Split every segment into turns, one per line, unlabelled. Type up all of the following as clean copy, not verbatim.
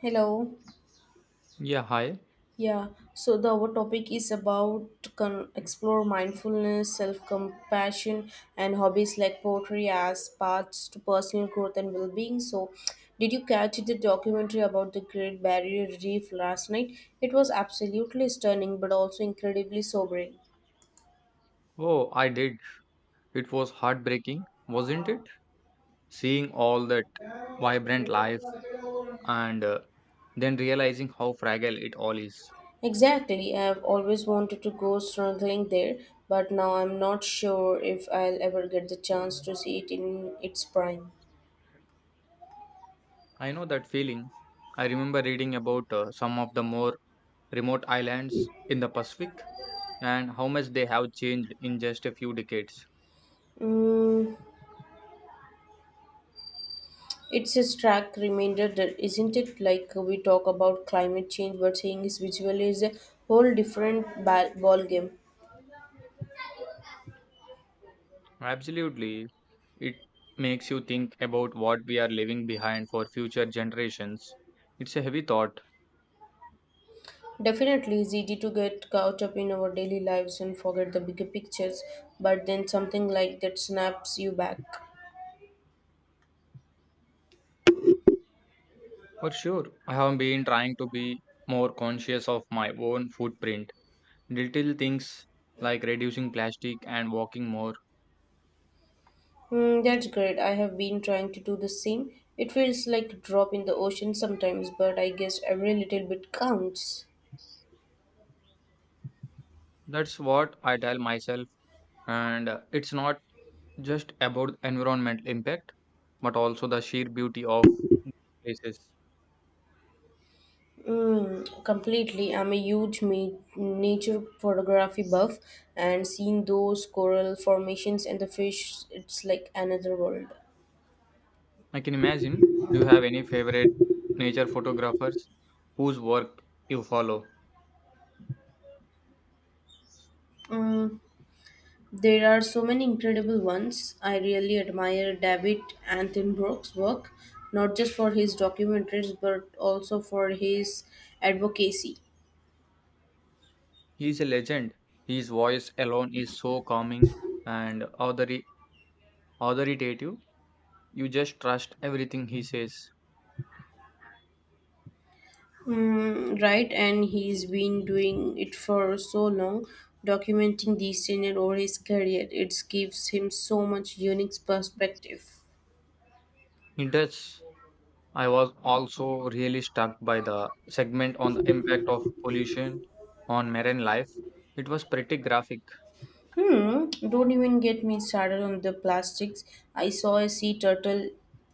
Hello.
Yeah, hi.
Yeah. So the our topic is about explore mindfulness, self compassion, and hobbies like poetry as paths to personal growth and well being. So, did you catch the documentary about the Great Barrier Reef last night? It was absolutely stunning, but also incredibly sobering.
Oh, I did. It was heartbreaking, wasn't it? Seeing all that vibrant life and then realizing how fragile it all is.
Exactly. I've always wanted to go snorkeling there, but now I'm not sure if I'll ever get the chance to see it in its prime.
I know that feeling. I remember reading about some of the more remote islands in the Pacific and how much they have changed in just a few decades.
Mm, it's a stark reminder, that isn't it? Like we talk about climate change, but seeing is visually is a whole different ball game.
Absolutely. It makes you think about what we are leaving behind for future generations. It's a heavy thought.
Definitely, it's easy to get caught up in our daily lives and forget the bigger pictures, but then something like that snaps you back.
For sure, I have been trying to be more conscious of my own footprint. Little things like reducing plastic and walking more.
Hmm, that's great. I have been trying to do the same. It feels like a drop in the ocean sometimes, but I guess every little bit counts.
That's what I tell myself. And it's not just about environmental impact, but also the sheer beauty of these places.
Mm, completely. I'm a huge nature photography buff, and seeing those coral formations and the fish, it's like another world.
I can imagine. Do you have any favorite nature photographers whose work you follow?
Mm, there are so many incredible ones. I really admire David Attenborough's work, not just for his documentaries, but also for his advocacy.
He's a legend. His voice alone is so calming and authoritative. You just trust everything he says.
Mm, right, and he's been doing it for so long, documenting these scenes over his career. It gives him so much unique perspective.
He does. I was also really struck by the segment on the impact of pollution on marine life. It was pretty graphic.
Hmm, don't even get me started on the plastics. I saw a sea turtle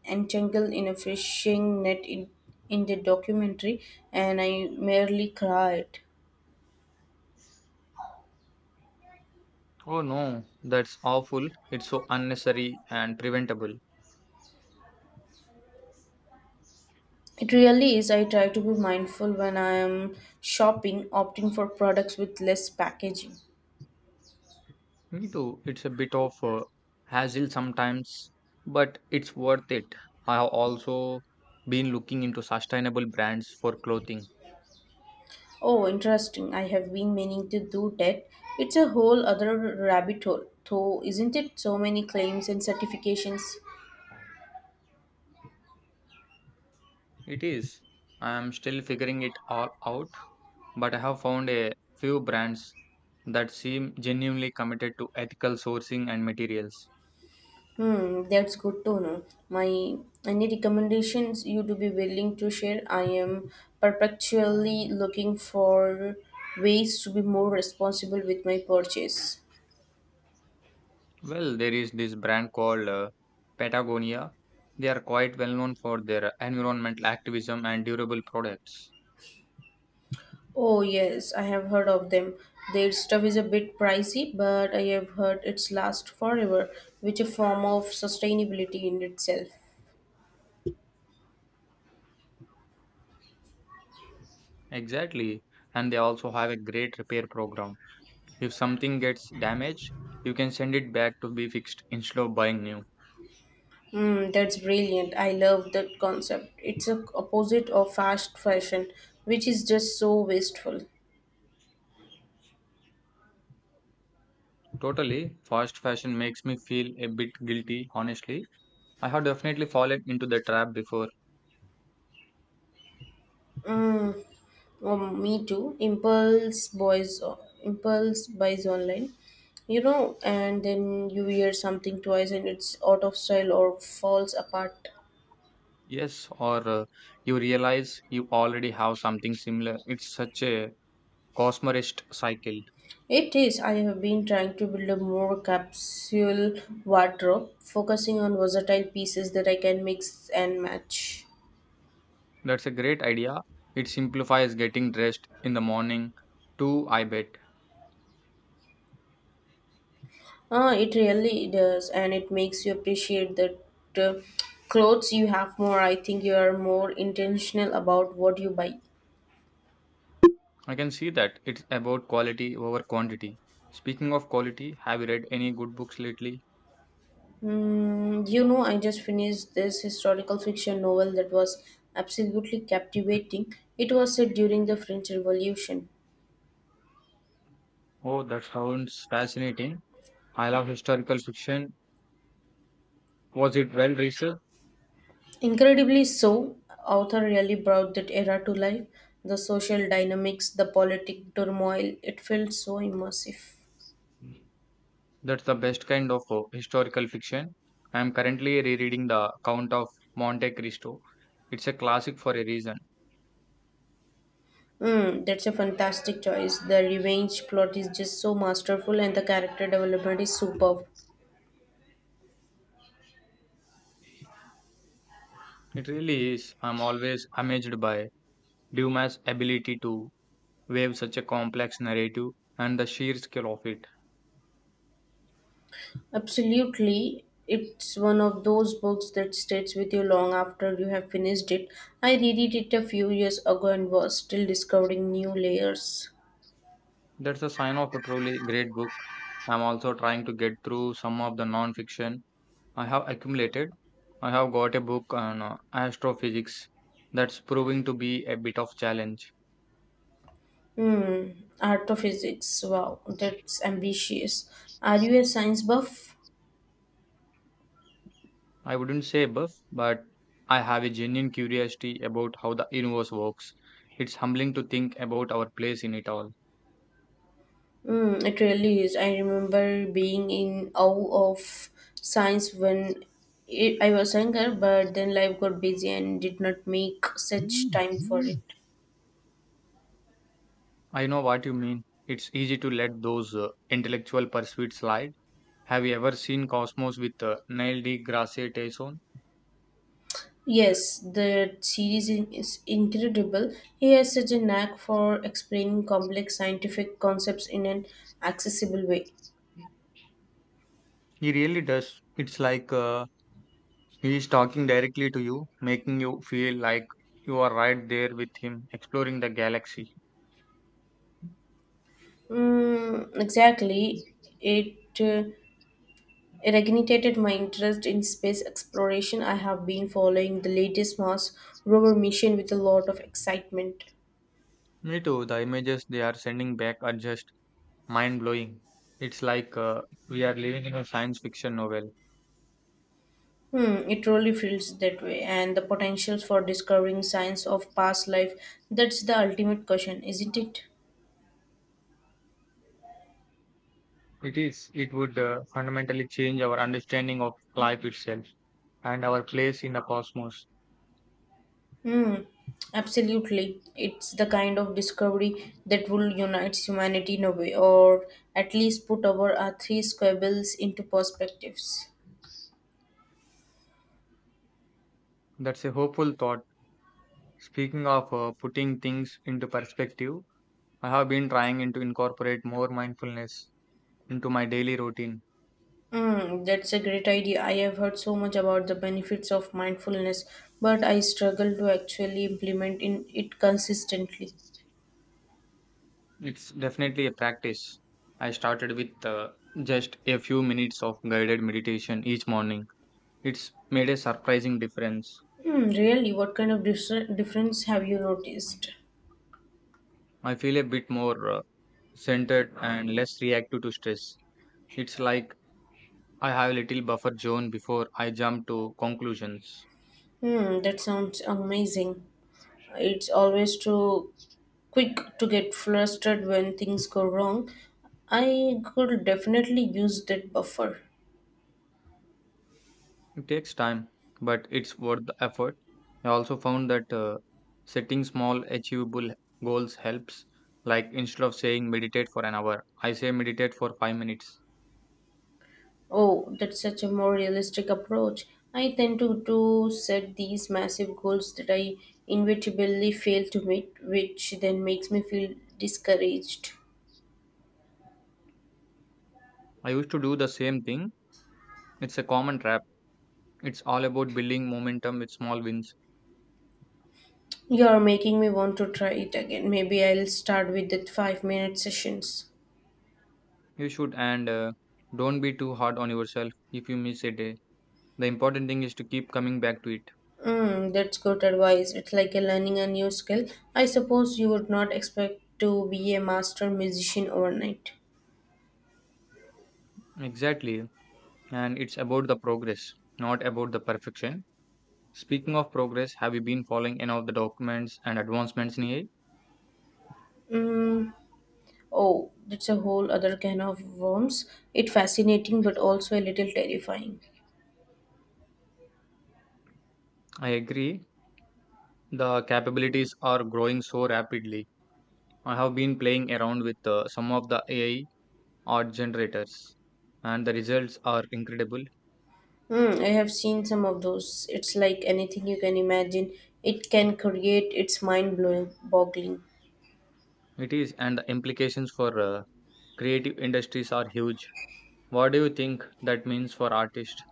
entangled in a fishing net in the documentary, and I merely cried.
Oh no, that's awful. It's so unnecessary and preventable.
It really is. I try to be mindful when I am shopping, opting for products with less packaging.
Me too. It's a bit of a hassle sometimes, but it's worth it. I have also been looking into sustainable brands for clothing.
Oh, interesting. I have been meaning to do that. It's a whole other rabbit hole, though, isn't it? So many claims and certifications.
It is. I am still figuring it all out, but I have found a few brands that seem genuinely committed to ethical sourcing and materials.
Hmm, that's good to know. My any recommendations you to be willing to share? I am perpetually looking for ways to be more responsible with my purchase.
Well, there is this brand called Patagonia. They are quite well known for their environmental activism and durable products.
Oh yes, I have heard of them. Their stuff is a bit pricey, but I have heard it's last forever, which a form of sustainability in itself.
Exactly. And they also have a great repair program. If something gets damaged, you can send it back to be fixed instead of buying new.
Mm, that's brilliant. I love that concept. It's a opposite of fast fashion, which is just so wasteful.
Totally, fast fashion makes me feel a bit guilty, honestly. I have definitely fallen into the trap before.
Mm, Oh, me too. Impulse buys online, and then you wear something twice and it's out of style or falls apart.
Yes, or you realize you already have something similar. It's such a consumerist cycle.
It is. I have been trying to build a more capsule wardrobe, focusing on versatile pieces that I can mix and match.
That's a great idea. It simplifies getting dressed in the morning, too, I bet.
Ah, it really does, and it makes you appreciate the uh, clothes you have more. I think you are more intentional about what you buy.
I can see that it's about quality over quantity. Speaking of quality, have you read any good books lately?
You know, I just finished this historical fiction novel that was absolutely captivating. It was set during the French Revolution.
Oh, that sounds fascinating. I love historical fiction. Was it well researched?
Incredibly so, author really brought that era to life. The social dynamics, the politic turmoil, it felt so immersive.
That's the best kind of historical fiction. I am currently rereading The Count of Monte Cristo. It's a classic for a reason.
Mm, that's a fantastic choice. The revenge plot is just so masterful and the character development is superb.
It really is. I'm always amazed by Dumas' ability to weave such a complex narrative and the sheer scale of it.
Absolutely. It's one of those books that stays with you long after you have finished it. I read it a few years ago and was still discovering new layers.
That's a sign of a truly great book. I'm also trying to get through some of the non-fiction I have accumulated. I have got a book on astrophysics that's proving to be a bit of challenge.
Hmm, Art of Physics. Wow, that's ambitious. Are you a science buff?
I wouldn't say buff, but I have a genuine curiosity about how the universe works. It's humbling to think about our place in it all.
Mm, it really is. I remember being in awe of science when I was younger, but then life got busy and did not make such time for it.
I know what you mean. It's easy to let those intellectual pursuits slide. Have you ever seen Cosmos with Neil deGrasse Tyson?
Yes, the is incredible. He has such a knack for explaining complex scientific concepts in an accessible way.
He really does. It's like he is talking directly to you, making you feel like you are right there with him, exploring the galaxy.
Mm, exactly. It uh, It reignited my interest in space exploration. I have been following the latest Mars rover mission with a lot of excitement.
Me too. The images they are sending back are just mind blowing. It's like we are living in a science fiction novel.
Hmm, it really feels that way, and the potentials for discovering signs of past life, that's the ultimate question, isn't it?
It is. It would fundamentally change our understanding of life itself and our place in the cosmos.
Hmm, absolutely. It's the kind of discovery that will unite humanity in a way, or at least put our three squabbles into perspectives.
That's a hopeful thought. Speaking of putting things into perspective, I have been trying in to incorporate more mindfulness into my daily routine.
Mm, that's a great idea. I have heard so much about the benefits of mindfulness, but I struggle to actually implement in it consistently.
It's definitely a practice. I started with just a few minutes of guided meditation each morning. It's made a surprising difference.
Hmm, really, what kind of difference have you noticed?
I feel a bit more centered and less reactive to stress. It's like I have a little buffer zone before I jump to conclusions.
Hmm, that sounds amazing. It's always too quick to get flustered when things go wrong. I could definitely use that buffer.
It takes time, but it's worth the effort. I also found that setting small, achievable goals helps. Like instead of saying meditate for an hour, I say meditate for 5 minutes.
Oh, that's such a more realistic approach. I tend to set these massive goals that I inevitably fail to meet, which then makes me feel discouraged.
I used to do the same thing. It's a common trap. It's all about building momentum with small wins.
You're making me want to try it again. Maybe I'll start with the 5 minute sessions.
You should, and don't be too hard on yourself if you miss a day. The important thing is to keep coming back to it.
Mm, that's good advice. It's like a learning a new skill. I suppose you would not expect to be a master musician overnight.
Exactly. And it's about the progress, not about the perfection. Speaking of progress, have you been following any of the documents and advancements in AI?
Mm, Oh, that's a whole other can of worms. It fascinating but also a little terrifying.
I agree. The capabilities are growing so rapidly. I have been playing around with some of the AI art generators, and the results are incredible.
Hmm, I have seen some of those. It's like anything you can imagine. It can create. It's mind blowing, boggling.
It is, and the implications for creative industries are huge. What do you think that means for artists?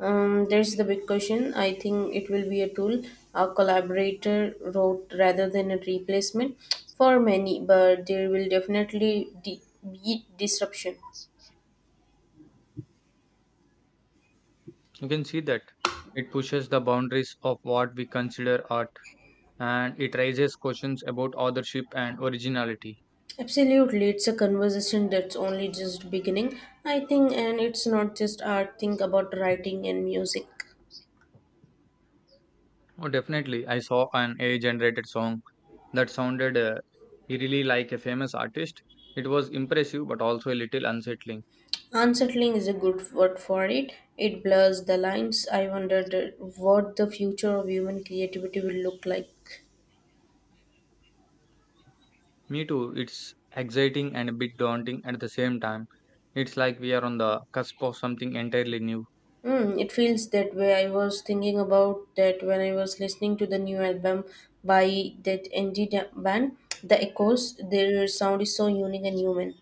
There's the big question. I think it will be a tool, a collaborator wrote rather than a replacement for many, but there will definitely be disruption.
You can see that it pushes the boundaries of what we consider art, and it raises questions about authorship and originality.
Absolutely, it's a conversation that's only just beginning, I think, and it's not just art. Think about writing and music.
Oh, definitely. I saw an AI generated song that sounded eerily like a famous artist. It was impressive but also a little unsettling.
Unsettling is a good word for it. It blurs the lines. I wondered what the future of human creativity will look like.
Me too. It's exciting and a bit daunting at the same time. It's like we are on the cusp of something entirely new.
Mm, it feels that way. I was thinking about that when I was listening to the new album by that band, The Echoes. Their sound is so unique and human.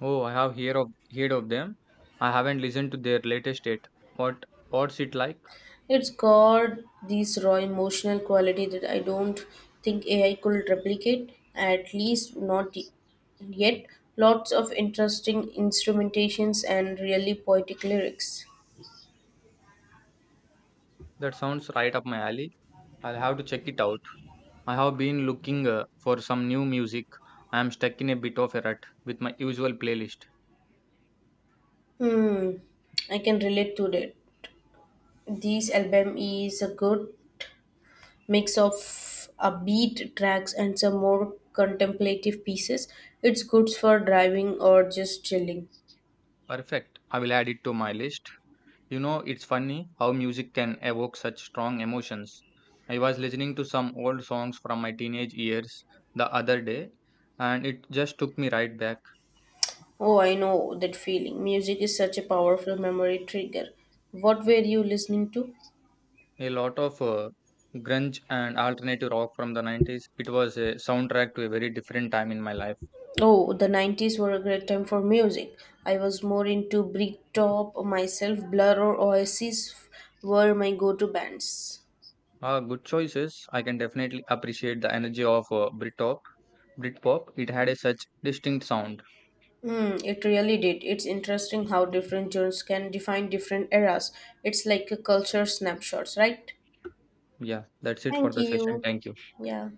Oh, I have heard of them. I haven't listened to their latest yet. What's it like?
It's got this raw emotional quality that I don't think AI could replicate, at least not yet. Lots of interesting instrumentations and really poetic lyrics.
That sounds right up my alley. I'll have to check it out. I have been looking for some new music. I am stuck in a bit of a rut with my usual playlist.
Hmm, I can relate to that. This album is a good mix of upbeat tracks and some more contemplative pieces. It's good for driving or just chilling.
Perfect. I will add it to my list. You know, it's funny how music can evoke such strong emotions. I was listening to some old songs from my teenage years the other day, and it just took me right back.
Oh, I know that feeling. Music is such a powerful memory trigger. What were you listening to?
A lot of grunge and alternative rock from the 90s. It was a soundtrack to a very different time in my life.
Oh, the 90s were a great time for music. I was more into Britpop myself. Blur or Oasis were my go-to bands.
Good choices. I can definitely appreciate the energy of Britpop. It had a such distinct sound.
Hmm, it really did. It's interesting how different genres can define different eras. It's like a culture snapshots, right?
Yeah, that's it for
Thank
the session.
you.
Thank you.
Yeah.